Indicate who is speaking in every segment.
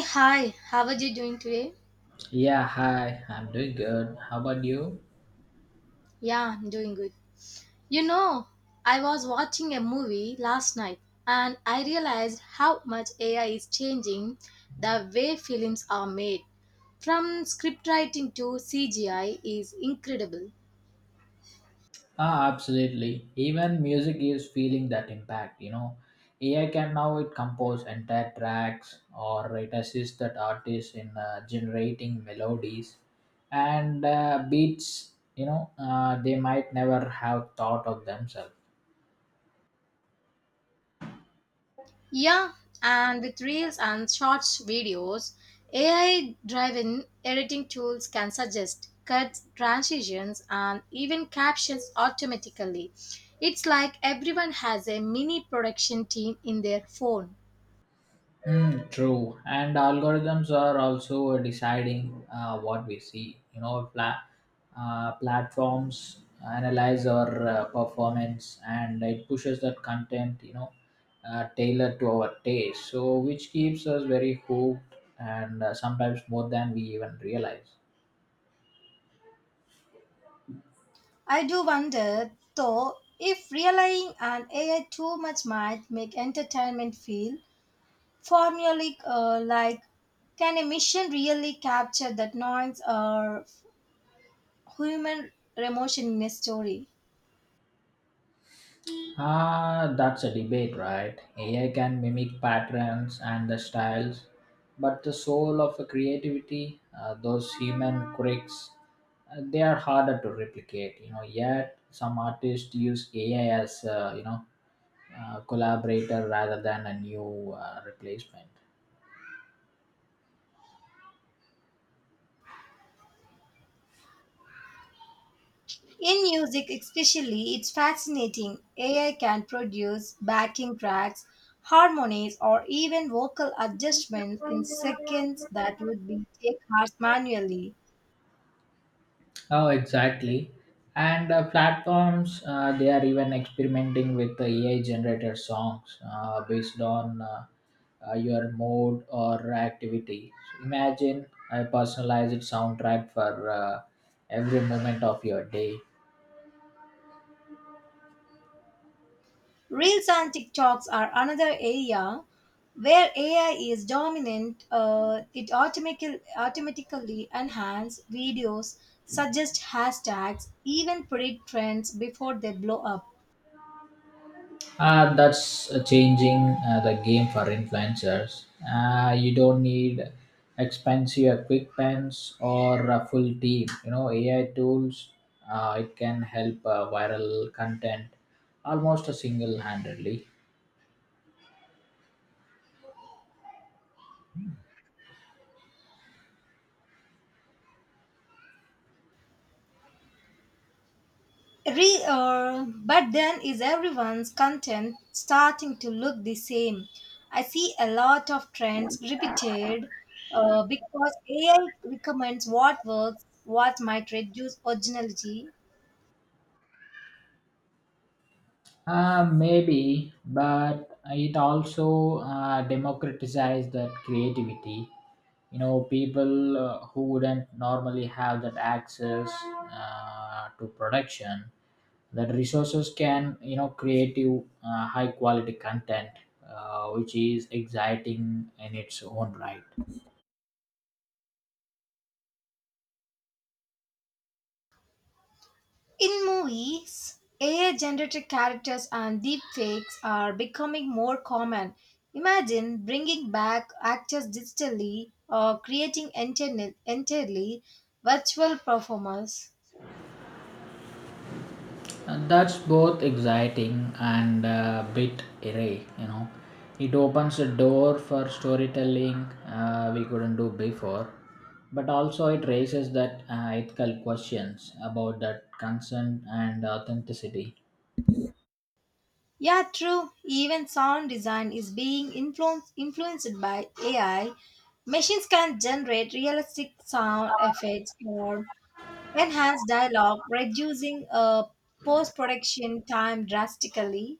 Speaker 1: Hi, how are you doing today?
Speaker 2: Yeah, hi, I'm doing good. How about you?
Speaker 1: Yeah, I'm doing good. You know, I was watching a movie last night and I realized how much AI is changing the way films are made. From script writing to CGI is incredible.
Speaker 2: Ah, absolutely. Even music is feeling that impact. AI can now it compose entire tracks or it assists that artist in generating melodies and beats, they might never have thought of themselves.
Speaker 1: Yeah, and with reels and shorts videos, AI driven editing tools can suggest cuts, transitions, and even captions automatically. It's like everyone has a mini production team in their phone.
Speaker 2: Mm, true, and algorithms are also deciding what we see. Platforms analyze our performance, and it pushes that content. Tailored to our taste, so which keeps us very hooked, and sometimes more than we even realize.
Speaker 1: I do wonder, though, if relying on AI too much might make entertainment feel formulaic, like can a mission really capture that noise or human emotion in a story?
Speaker 2: Ah, that's a debate, right? AI can mimic patterns and the styles, but the soul of a creativity, those human quirks, they are harder to replicate. Yet some artists use AI as collaborator rather than a new replacement.
Speaker 1: In music, especially, it's fascinating. AI can produce backing tracks, harmonies, or even vocal adjustments in seconds that would be take hours manually.
Speaker 2: Oh, exactly. And platforms, they are even experimenting with the AI generated songs based on your mood or activity. So imagine a personalized soundtrack for every moment of your day.
Speaker 1: Reels and TikToks are another area where AI is dominant. It automatically enhances videos, suggests hashtags, even predict trends before they blow up.
Speaker 2: That's changing the game for influencers. You don't need expensive equipments or a full team. AI tools, it can help viral content almost a single-handedly.
Speaker 1: But then is everyone's content starting to look the same? I see a lot of trends repeated because AI recommends what works, what might reduce originality.
Speaker 2: Maybe, but it also democratized that creativity. People who wouldn't normally have that access to production, that resources can, creative high quality content, which is exciting in its own right.
Speaker 1: In movies, AI generated characters and deepfakes are becoming more common. Imagine bringing back actors digitally or creating entirely virtual performers.
Speaker 2: And that's both exciting and a bit eerie. It opens a door for storytelling we couldn't do before, but also it raises that ethical questions about that consent and authenticity.
Speaker 1: Yeah, true. Even sound design is being influenced by AI. Machines can generate realistic sound effects or enhance dialogue, reducing post-production time drastically.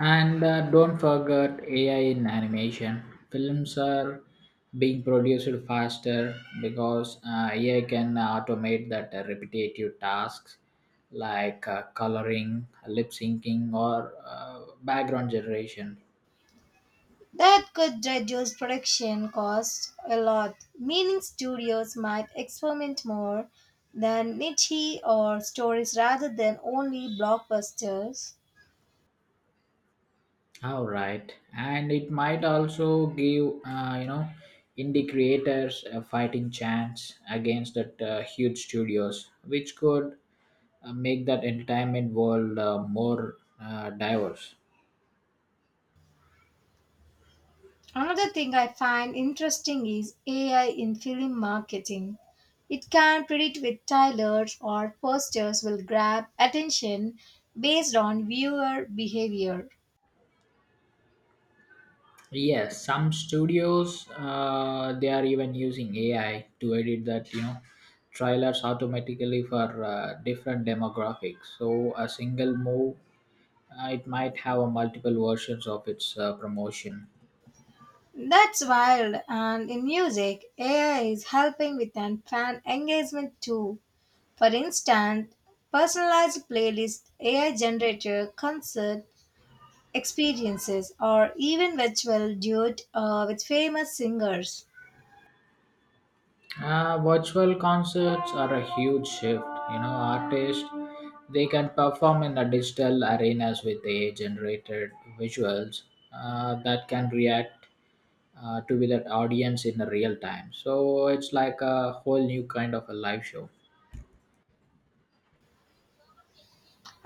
Speaker 2: And don't forget AI in animation. Films are being produced faster because AI can automate that repetitive tasks like coloring, lip syncing, or background generation.
Speaker 1: That could reduce production costs a lot, meaning studios might experiment more than niche or stories rather than only blockbusters.
Speaker 2: All right, and it might also give indie creators a fighting chance against that huge studios, which could make that entertainment world more diverse.
Speaker 1: Another thing I find interesting is AI in film marketing. It can predict which trailers or posters will grab attention based on viewer behavior.
Speaker 2: Yes, some studios they are even using AI to edit that trailers automatically for different demographics. So a single move it might have a multiple versions of its promotion.
Speaker 1: That's wild, and in music, AI is helping with an fan engagement too. For instance, personalized playlist, AI generator, concert experiences, or even virtual duet with famous singers.
Speaker 2: Virtual concerts are a huge shift. Artists they can perform in the digital arenas with AI-generated visuals that can react to with that audience in the real time. So it's like a whole new kind of a live show.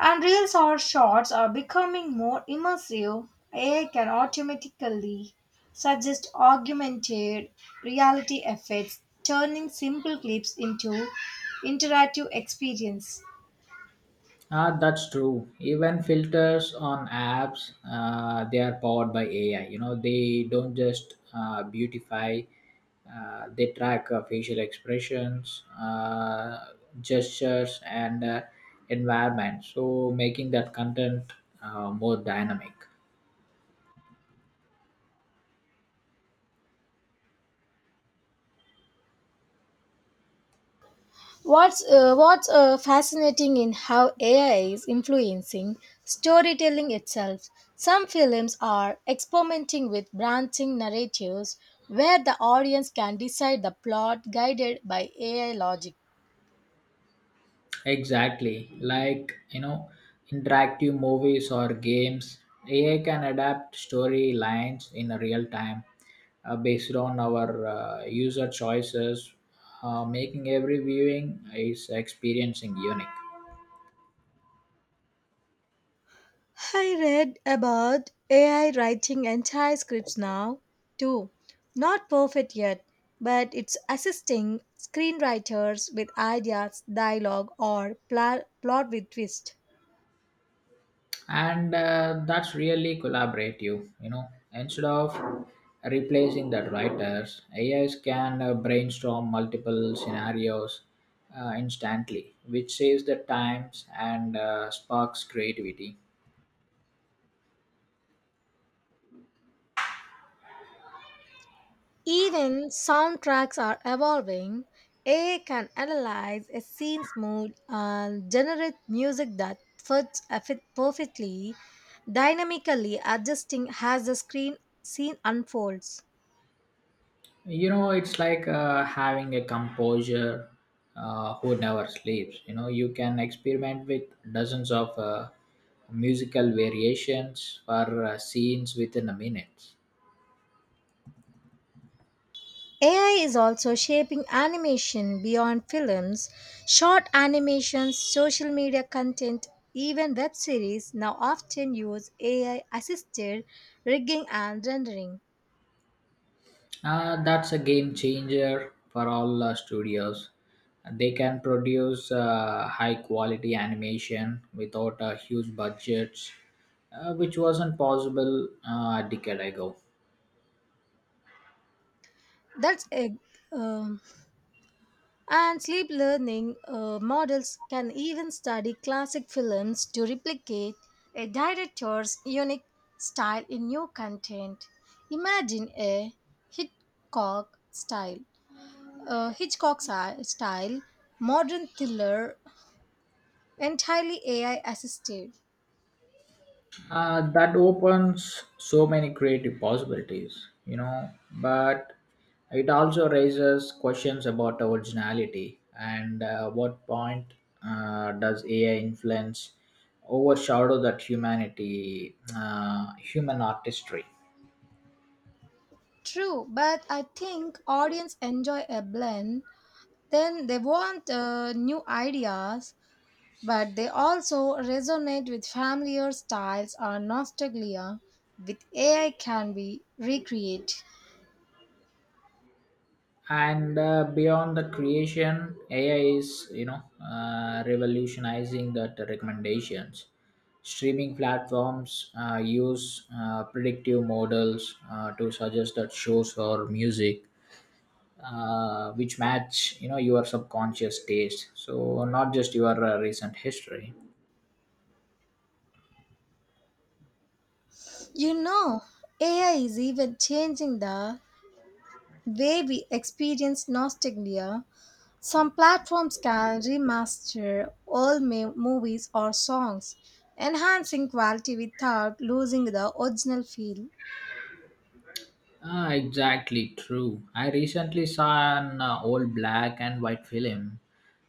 Speaker 1: And reels or shorts are becoming more immersive. AI can automatically suggest augmented reality effects, turning simple clips into interactive experience.
Speaker 2: Ah, that's true. Even filters on apps, they are powered by AI. They don't just beautify; they track facial expressions, gestures, and environment. So making that content more dynamic.
Speaker 1: What's fascinating in how AI is influencing storytelling itself. Some films are experimenting with branching narratives where the audience can decide the plot guided by AI logic.
Speaker 2: Exactly, like, interactive movies or games. AI can adapt storylines in a real time based on our user choices, making every viewing is experiencing unique.
Speaker 1: I read about AI writing entire scripts now, too. Not perfect yet, but it's assisting screenwriters with ideas, dialogue, or plot with twist.
Speaker 2: And that's really collaborative. Instead of replacing the writers, AIs can brainstorm multiple scenarios instantly, which saves the times and sparks creativity.
Speaker 1: Even soundtracks are evolving. AI can analyze a scene's mood and generate music that fit perfectly, dynamically adjusting as the screen scene unfolds.
Speaker 2: It's like having a composer who never sleeps. You can experiment with dozens of musical variations for scenes within a minute.
Speaker 1: AI is also shaping animation beyond films. Short animations, social media content, even web series now often use AI assisted rigging and rendering.
Speaker 2: That's a game changer for all studios. They can produce high quality animation without huge budgets, which wasn't possible a decade ago.
Speaker 1: That's a um, and sleep learning models can even study classic films to replicate a director's unique style in new content. Imagine a Hitchcock style Hitchcock si- style modern thriller entirely AI assisted.
Speaker 2: That opens so many creative possibilities, but it also raises questions about originality and what point does AI influence overshadow that humanity, human artistry?
Speaker 1: True, but I think audience enjoy a blend. Then they want new ideas, but they also resonate with familiar styles or nostalgia with AI can be recreated.
Speaker 2: And beyond the creation, AI is revolutionizing the recommendations. Streaming platforms use predictive models to suggest that shows or music which match your subconscious taste, so not just your recent history.
Speaker 1: You know, AI is even changing the way we experience nostalgia. Some platforms can remaster movies or songs, enhancing quality without losing the original feel.
Speaker 2: Ah, exactly true. I recently saw an old black and white film.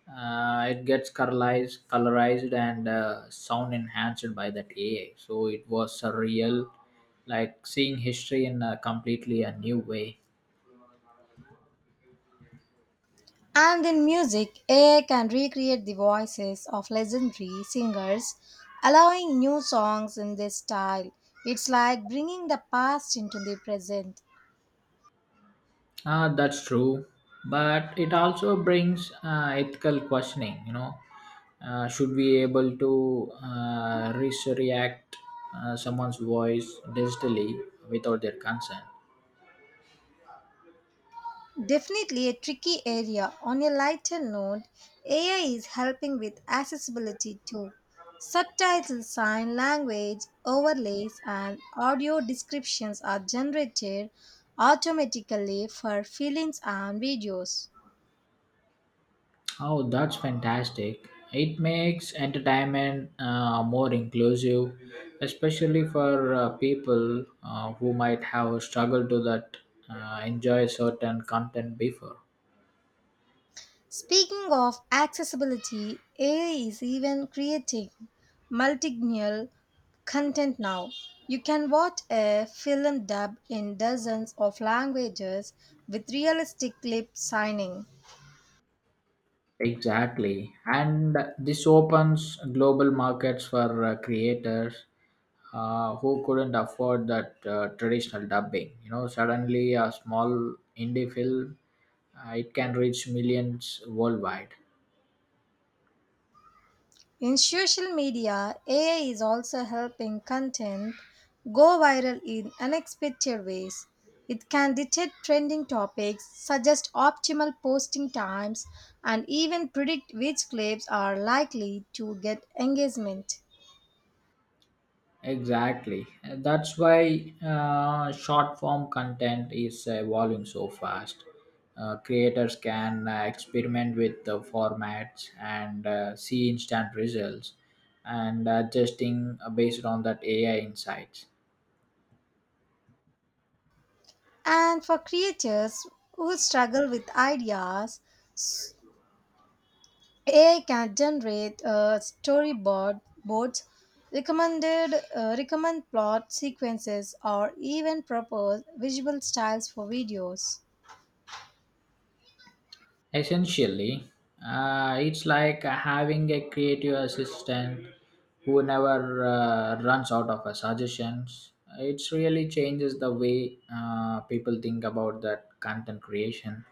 Speaker 2: It gets colorized and sound enhanced by that AI. So it was surreal, like seeing history in a completely a new way.
Speaker 1: And in music, AI can recreate the voices of legendary singers, allowing new songs in this style. It's like bringing the past into the present.
Speaker 2: Ah, that's true. But it also brings ethical questioning. Should we able to react someone's voice digitally without their consent?
Speaker 1: Definitely a tricky area. On a lighter note, AI is helping with accessibility too. Subtitles, sign language overlays and audio descriptions are generated automatically for films and videos.
Speaker 2: Oh, that's fantastic. It makes entertainment more inclusive, especially for people who might have struggled to that enjoy certain content before.
Speaker 1: Speaking of accessibility, AI is even creating multilingual content now. You can watch a film dubbed in dozens of languages with realistic clip signing.
Speaker 2: Exactly. And this opens global markets for creators who couldn't afford that traditional dubbing. Suddenly a small indie film, it can reach millions worldwide.
Speaker 1: In social media, AI is also helping content go viral in unexpected ways. It can detect trending topics, suggest optimal posting times, and even predict which clips are likely to get engagement.
Speaker 2: Exactly. That's why short form content is evolving so fast. Creators can experiment with the formats and see instant results and adjusting based on that AI insights.
Speaker 1: And for creators who struggle with ideas, AI can generate storyboard boards, recommend plot sequences, or even propose visual styles for videos.
Speaker 2: Essentially, it's like having a creative assistant who never runs out of suggestions. It's really changes the way people think about that content creation.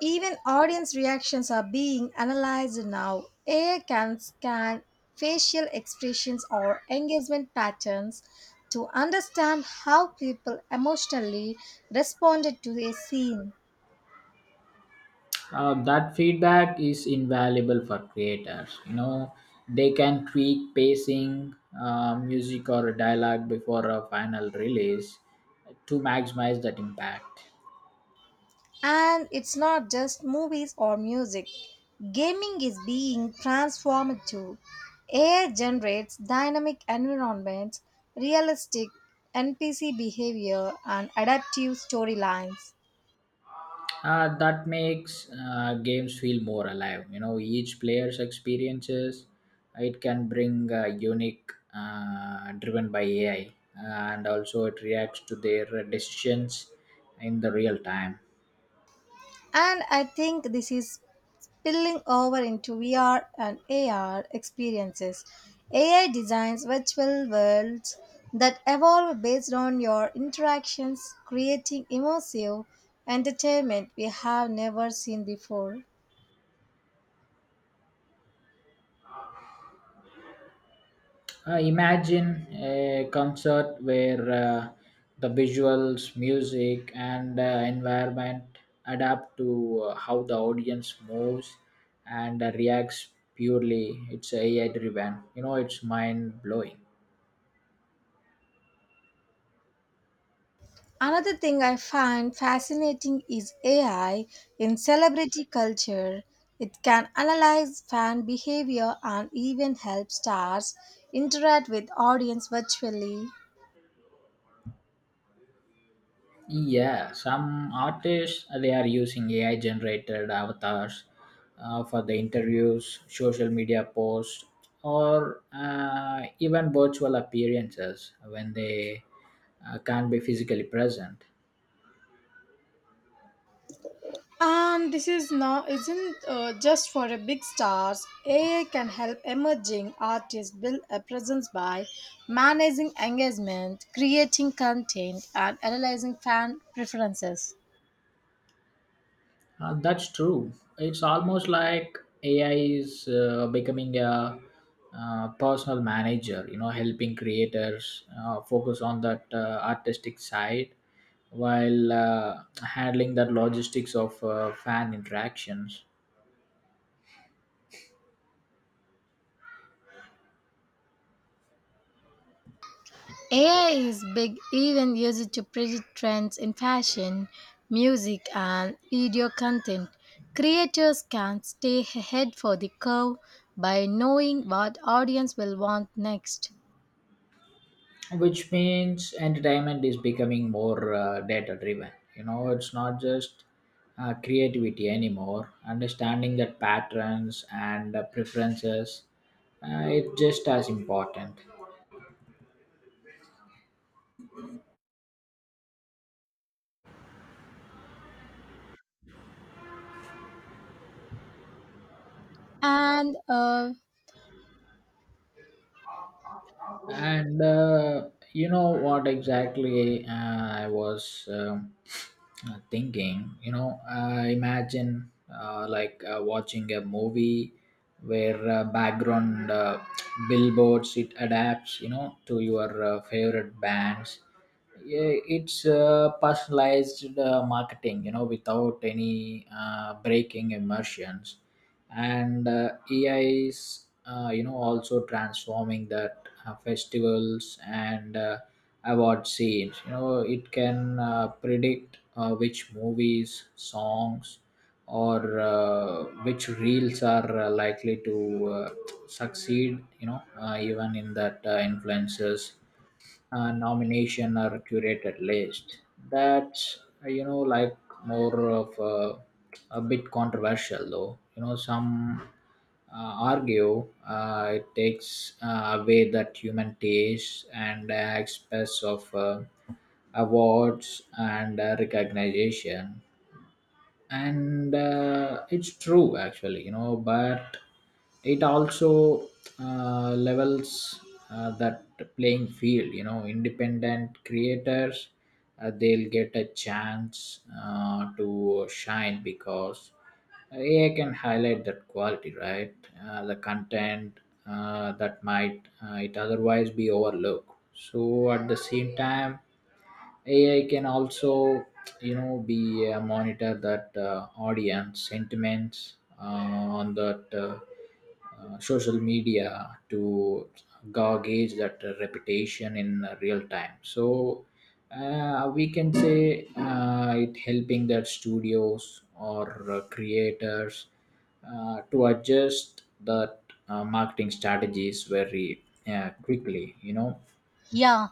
Speaker 1: Even audience reactions are being analyzed now. AI can scan facial expressions or engagement patterns to understand how people emotionally responded to a scene.
Speaker 2: That feedback is invaluable for creators, they can tweak pacing music or dialogue before a final release to maximize that impact.
Speaker 1: And it's not just movies or music. Gaming is being transformed too. AI generates dynamic environments, realistic NPC behavior, and adaptive storylines.
Speaker 2: That makes games feel more alive, each player's experiences it can bring unique driven by AI, and also it reacts to their decisions in the real time.
Speaker 1: And I think this is spilling over into VR and AR experiences. AI designs virtual worlds that evolve based on your interactions, creating immersive entertainment we have never seen before.
Speaker 2: Imagine a concert where the visuals, music, and environment adapt to how the audience moves and reacts purely. It's AI driven. It's mind blowing.
Speaker 1: Another thing I find fascinating is AI in celebrity culture. It can analyze fan behavior and even help stars interact with audience virtually.
Speaker 2: Yeah, some artists they are using AI generated avatars for the interviews, social media posts, or even virtual appearances when they can't be physically present.
Speaker 1: And this is now isn't just for a big stars. AI can help emerging artists build a presence by managing engagement, creating content, and analyzing fan preferences.
Speaker 2: That's true. It's almost like AI is becoming a personal manager, helping creators focus on that artistic side while handling that logistics of fan interactions,
Speaker 1: AI is big even used to predict trends in fashion, music, and video content. Creators can stay ahead for the curve by knowing what audience will want next.
Speaker 2: which means entertainment is becoming more data driven. It's not just creativity anymore, understanding that patterns and preferences it's just as important.
Speaker 1: And
Speaker 2: And you know what exactly I was thinking. Imagine watching a movie where background billboards it adapts to your favorite bands. Yeah, it's personalized marketing without any breaking immersions. And AI is also transforming that festivals and award scenes. It can predict which movies songs or which reels are likely to succeed, even in that influencers nomination or curated list. That's more of a bit controversial though. Some argue it takes away that human taste and express of awards and recognition, and it's true actually, but it also levels that playing field, independent creators they'll get a chance to shine because AI can highlight that quality, right? The content that might it otherwise be overlooked, so at the same time AI can also, be a monitor that audience sentiments on that social media to gauge that reputation in real time. So we can say it helping that studios or creators to adjust that marketing strategies very quickly.
Speaker 1: Yeah,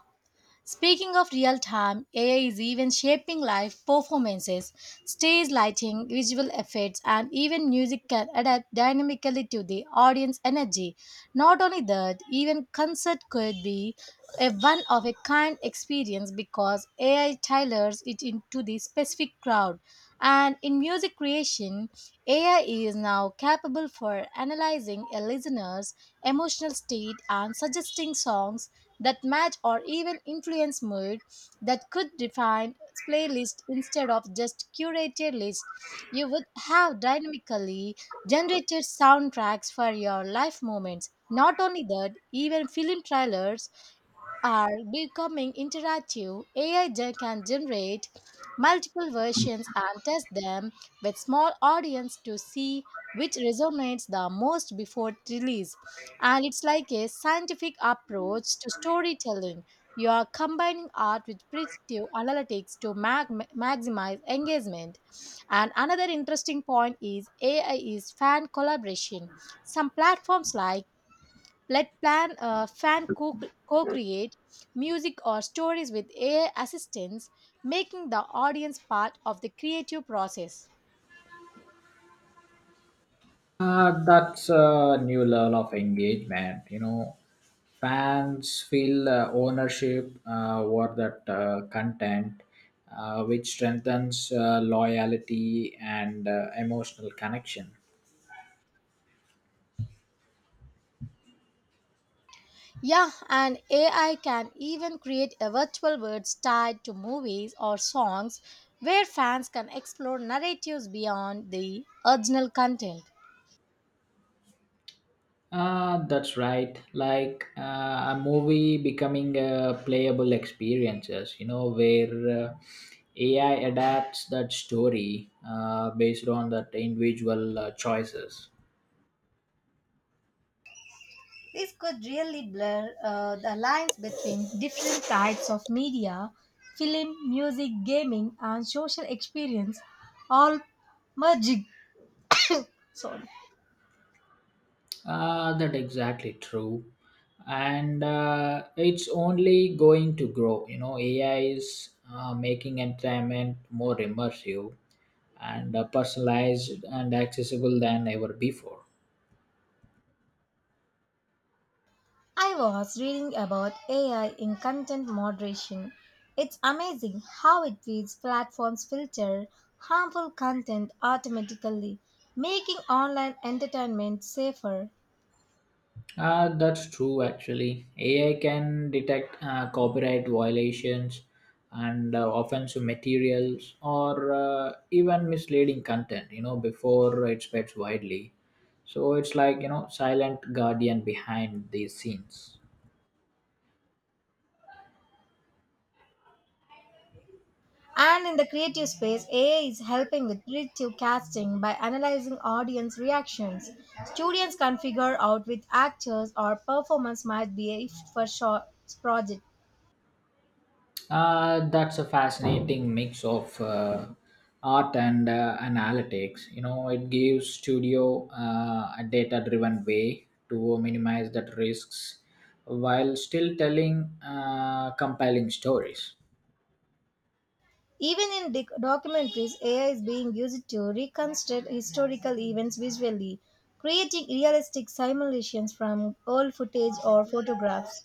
Speaker 1: speaking of real time, AI is even shaping live performances, stage lighting, visual effects, and even music can adapt dynamically to the audience energy. Not only that, even concert could be a one of a kind experience because AI tailors it into the specific crowd. And in music creation, AI is now capable for analyzing a listener's emotional state and suggesting songs that match or even influence mood that could define playlist instead of just curated list. You would have dynamically generated soundtracks for your life moments. Not only that, even film trailers are becoming interactive, can generate multiple versions and test them with small audience to see which resonates the most before release. And it's like a scientific approach to storytelling. You are combining art with predictive analytics to maximize engagement. And another interesting point is AI is fan collaboration. Some platforms like let plan co-create music or stories with AI assistants, making the audience part of the creative process.
Speaker 2: That's a new level of engagement. Fans feel ownership over that content, which strengthens loyalty and emotional connection.
Speaker 1: Yeah, and AI can even create a virtual worlds tied to movies or songs where fans can explore narratives beyond the original content.
Speaker 2: That's right. Like a movie becoming a playable experiences, where AI adapts that story based on that individual choices.
Speaker 1: This could really blur the lines between different types of media, film, music, gaming, and social experience, all merging. Sorry.
Speaker 2: That exactly true, and it's only going to grow. AI is making entertainment more immersive and personalized and accessible than ever before.
Speaker 1: I was reading about AI in content moderation. It's amazing how it feeds platforms filter harmful content automatically, making online entertainment safer.
Speaker 2: That's true, actually. AI can detect copyright violations and offensive materials or even misleading content, before it spreads widely. So it's like, silent guardian behind these scenes.
Speaker 1: And in the creative space, AI is helping with predictive casting by analyzing audience reactions. Students can figure out which actors or performance might be a for short project.
Speaker 2: That's a fascinating mix of art and analytics. It gives studio a data-driven way to minimize that risks while still telling compelling stories.
Speaker 1: Even in documentaries, AI is being used to reconstruct historical events visually, creating realistic simulations from old footage or photographs.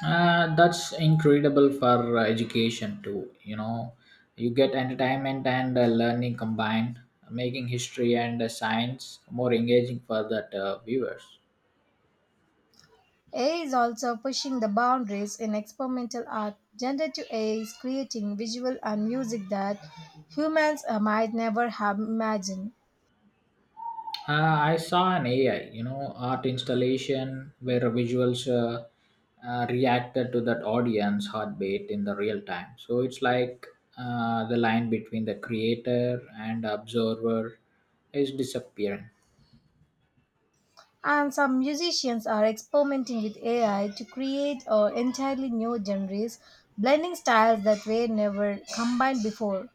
Speaker 2: That's incredible for education too. You get entertainment and learning combined, making history and science more engaging for that viewers.
Speaker 1: AI is also pushing the boundaries in experimental art. Generative AI is creating visual and music that humans might never have imagined.
Speaker 2: I saw an AI, art installation where visuals reacted to that audience heartbeat in the real time. So it's like the line between the creator and observer is disappearing.
Speaker 1: And some musicians are experimenting with AI to create entirely new genres, blending styles that were never combined before.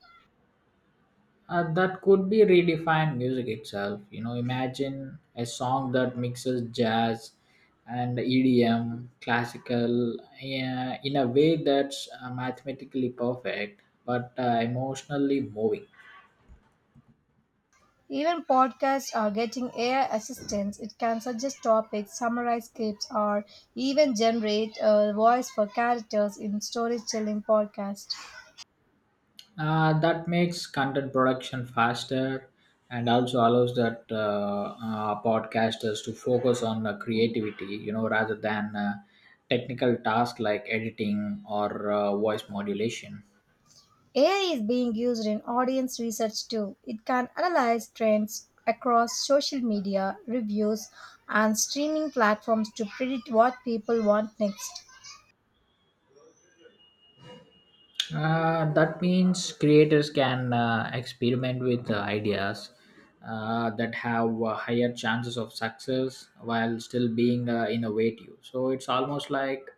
Speaker 2: That could be redefined music itself. Imagine a song that mixes jazz and EDM, classical, yeah, in a way that's mathematically perfect but emotionally moving.
Speaker 1: Even podcasts are getting AI assistance. It can suggest topics, summarize scripts, or even generate a voice for characters in storytelling podcasts.
Speaker 2: That makes content production faster and also allows that podcasters to focus on creativity, rather than technical tasks like editing or voice modulation.
Speaker 1: AI is being used in audience research too. It can analyze trends across social media, reviews, and streaming platforms to predict what people want next.
Speaker 2: That means creators can experiment with ideas that have higher chances of success while still being innovative. So it's almost like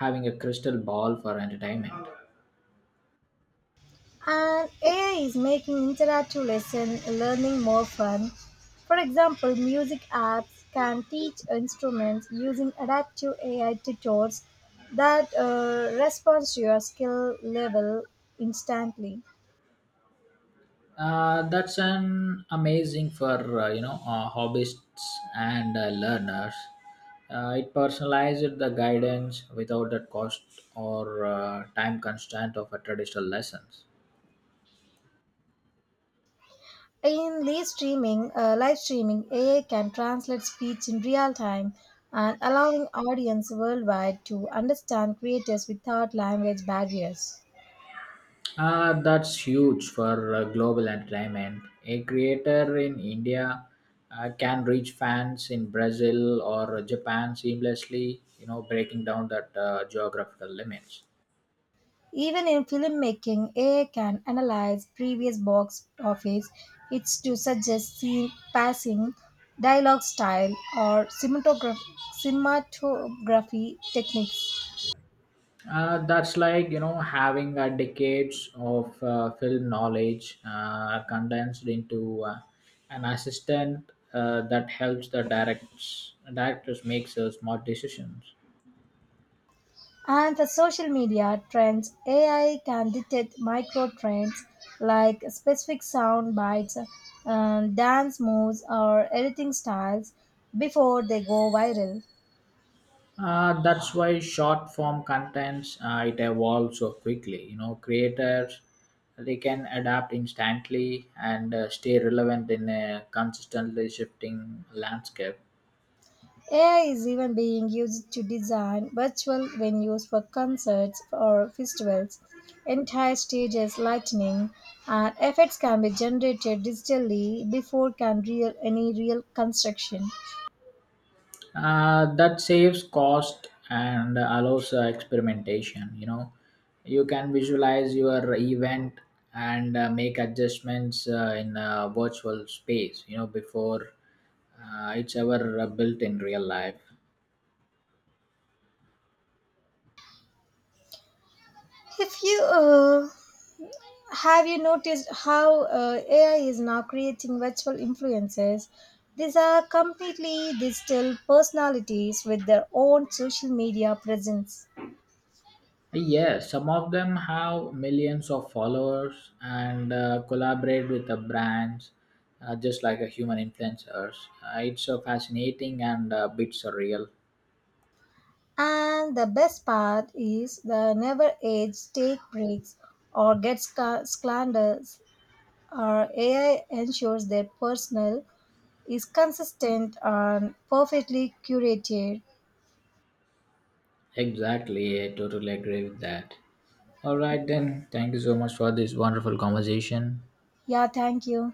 Speaker 2: having a crystal ball for entertainment.
Speaker 1: And AI is making interactive lesson learning more fun. For example, music apps can teach instruments using adaptive AI tutors that respond to your skill level instantly.
Speaker 2: That's an amazing for hobbyists and learners. It personalizes the guidance without the cost or time constraint of a traditional lessons.
Speaker 1: In live streaming, AI can translate speech in real time and allowing audience worldwide to understand creators without language barriers.
Speaker 2: That's huge for global entertainment. A creator in India can reach fans in Brazil or Japan seamlessly, breaking down that geographical limits.
Speaker 1: Even in filmmaking, AI can analyze previous box office hits to suggest scene passing, dialogue style, or cinematography techniques.
Speaker 2: That's like having decades of film knowledge condensed into an assistant that helps the directs directors make so smart decisions.
Speaker 1: And for social media trends, AI can detect micro trends like specific sound bites, dance moves, or editing styles before they go viral.
Speaker 2: That's why short form contents it evolves so quickly. Creators they can adapt instantly and stay relevant in a consistently shifting landscape.
Speaker 1: AI is even being used to design virtual venues for concerts or festivals, entire stages, lighting, and effects can be generated digitally before can real any real construction.
Speaker 2: That saves cost and allows experimentation. You can visualize your event and make adjustments in a virtual space, before it's ever built in real life.
Speaker 1: If you Have you noticed how AI is now creating virtual influencers? These are completely digital personalities with their own social media presence.
Speaker 2: Yes, some of them have millions of followers and collaborate with the brands just like a human influencers. It's fascinating and bit surreal.
Speaker 1: And the best part is the never age take breaks or get slanders or AI ensures their personal is consistent and perfectly curated.
Speaker 2: Exactly, I totally agree with that. All right, then, thank you so much for this wonderful conversation.
Speaker 1: Yeah, thank you.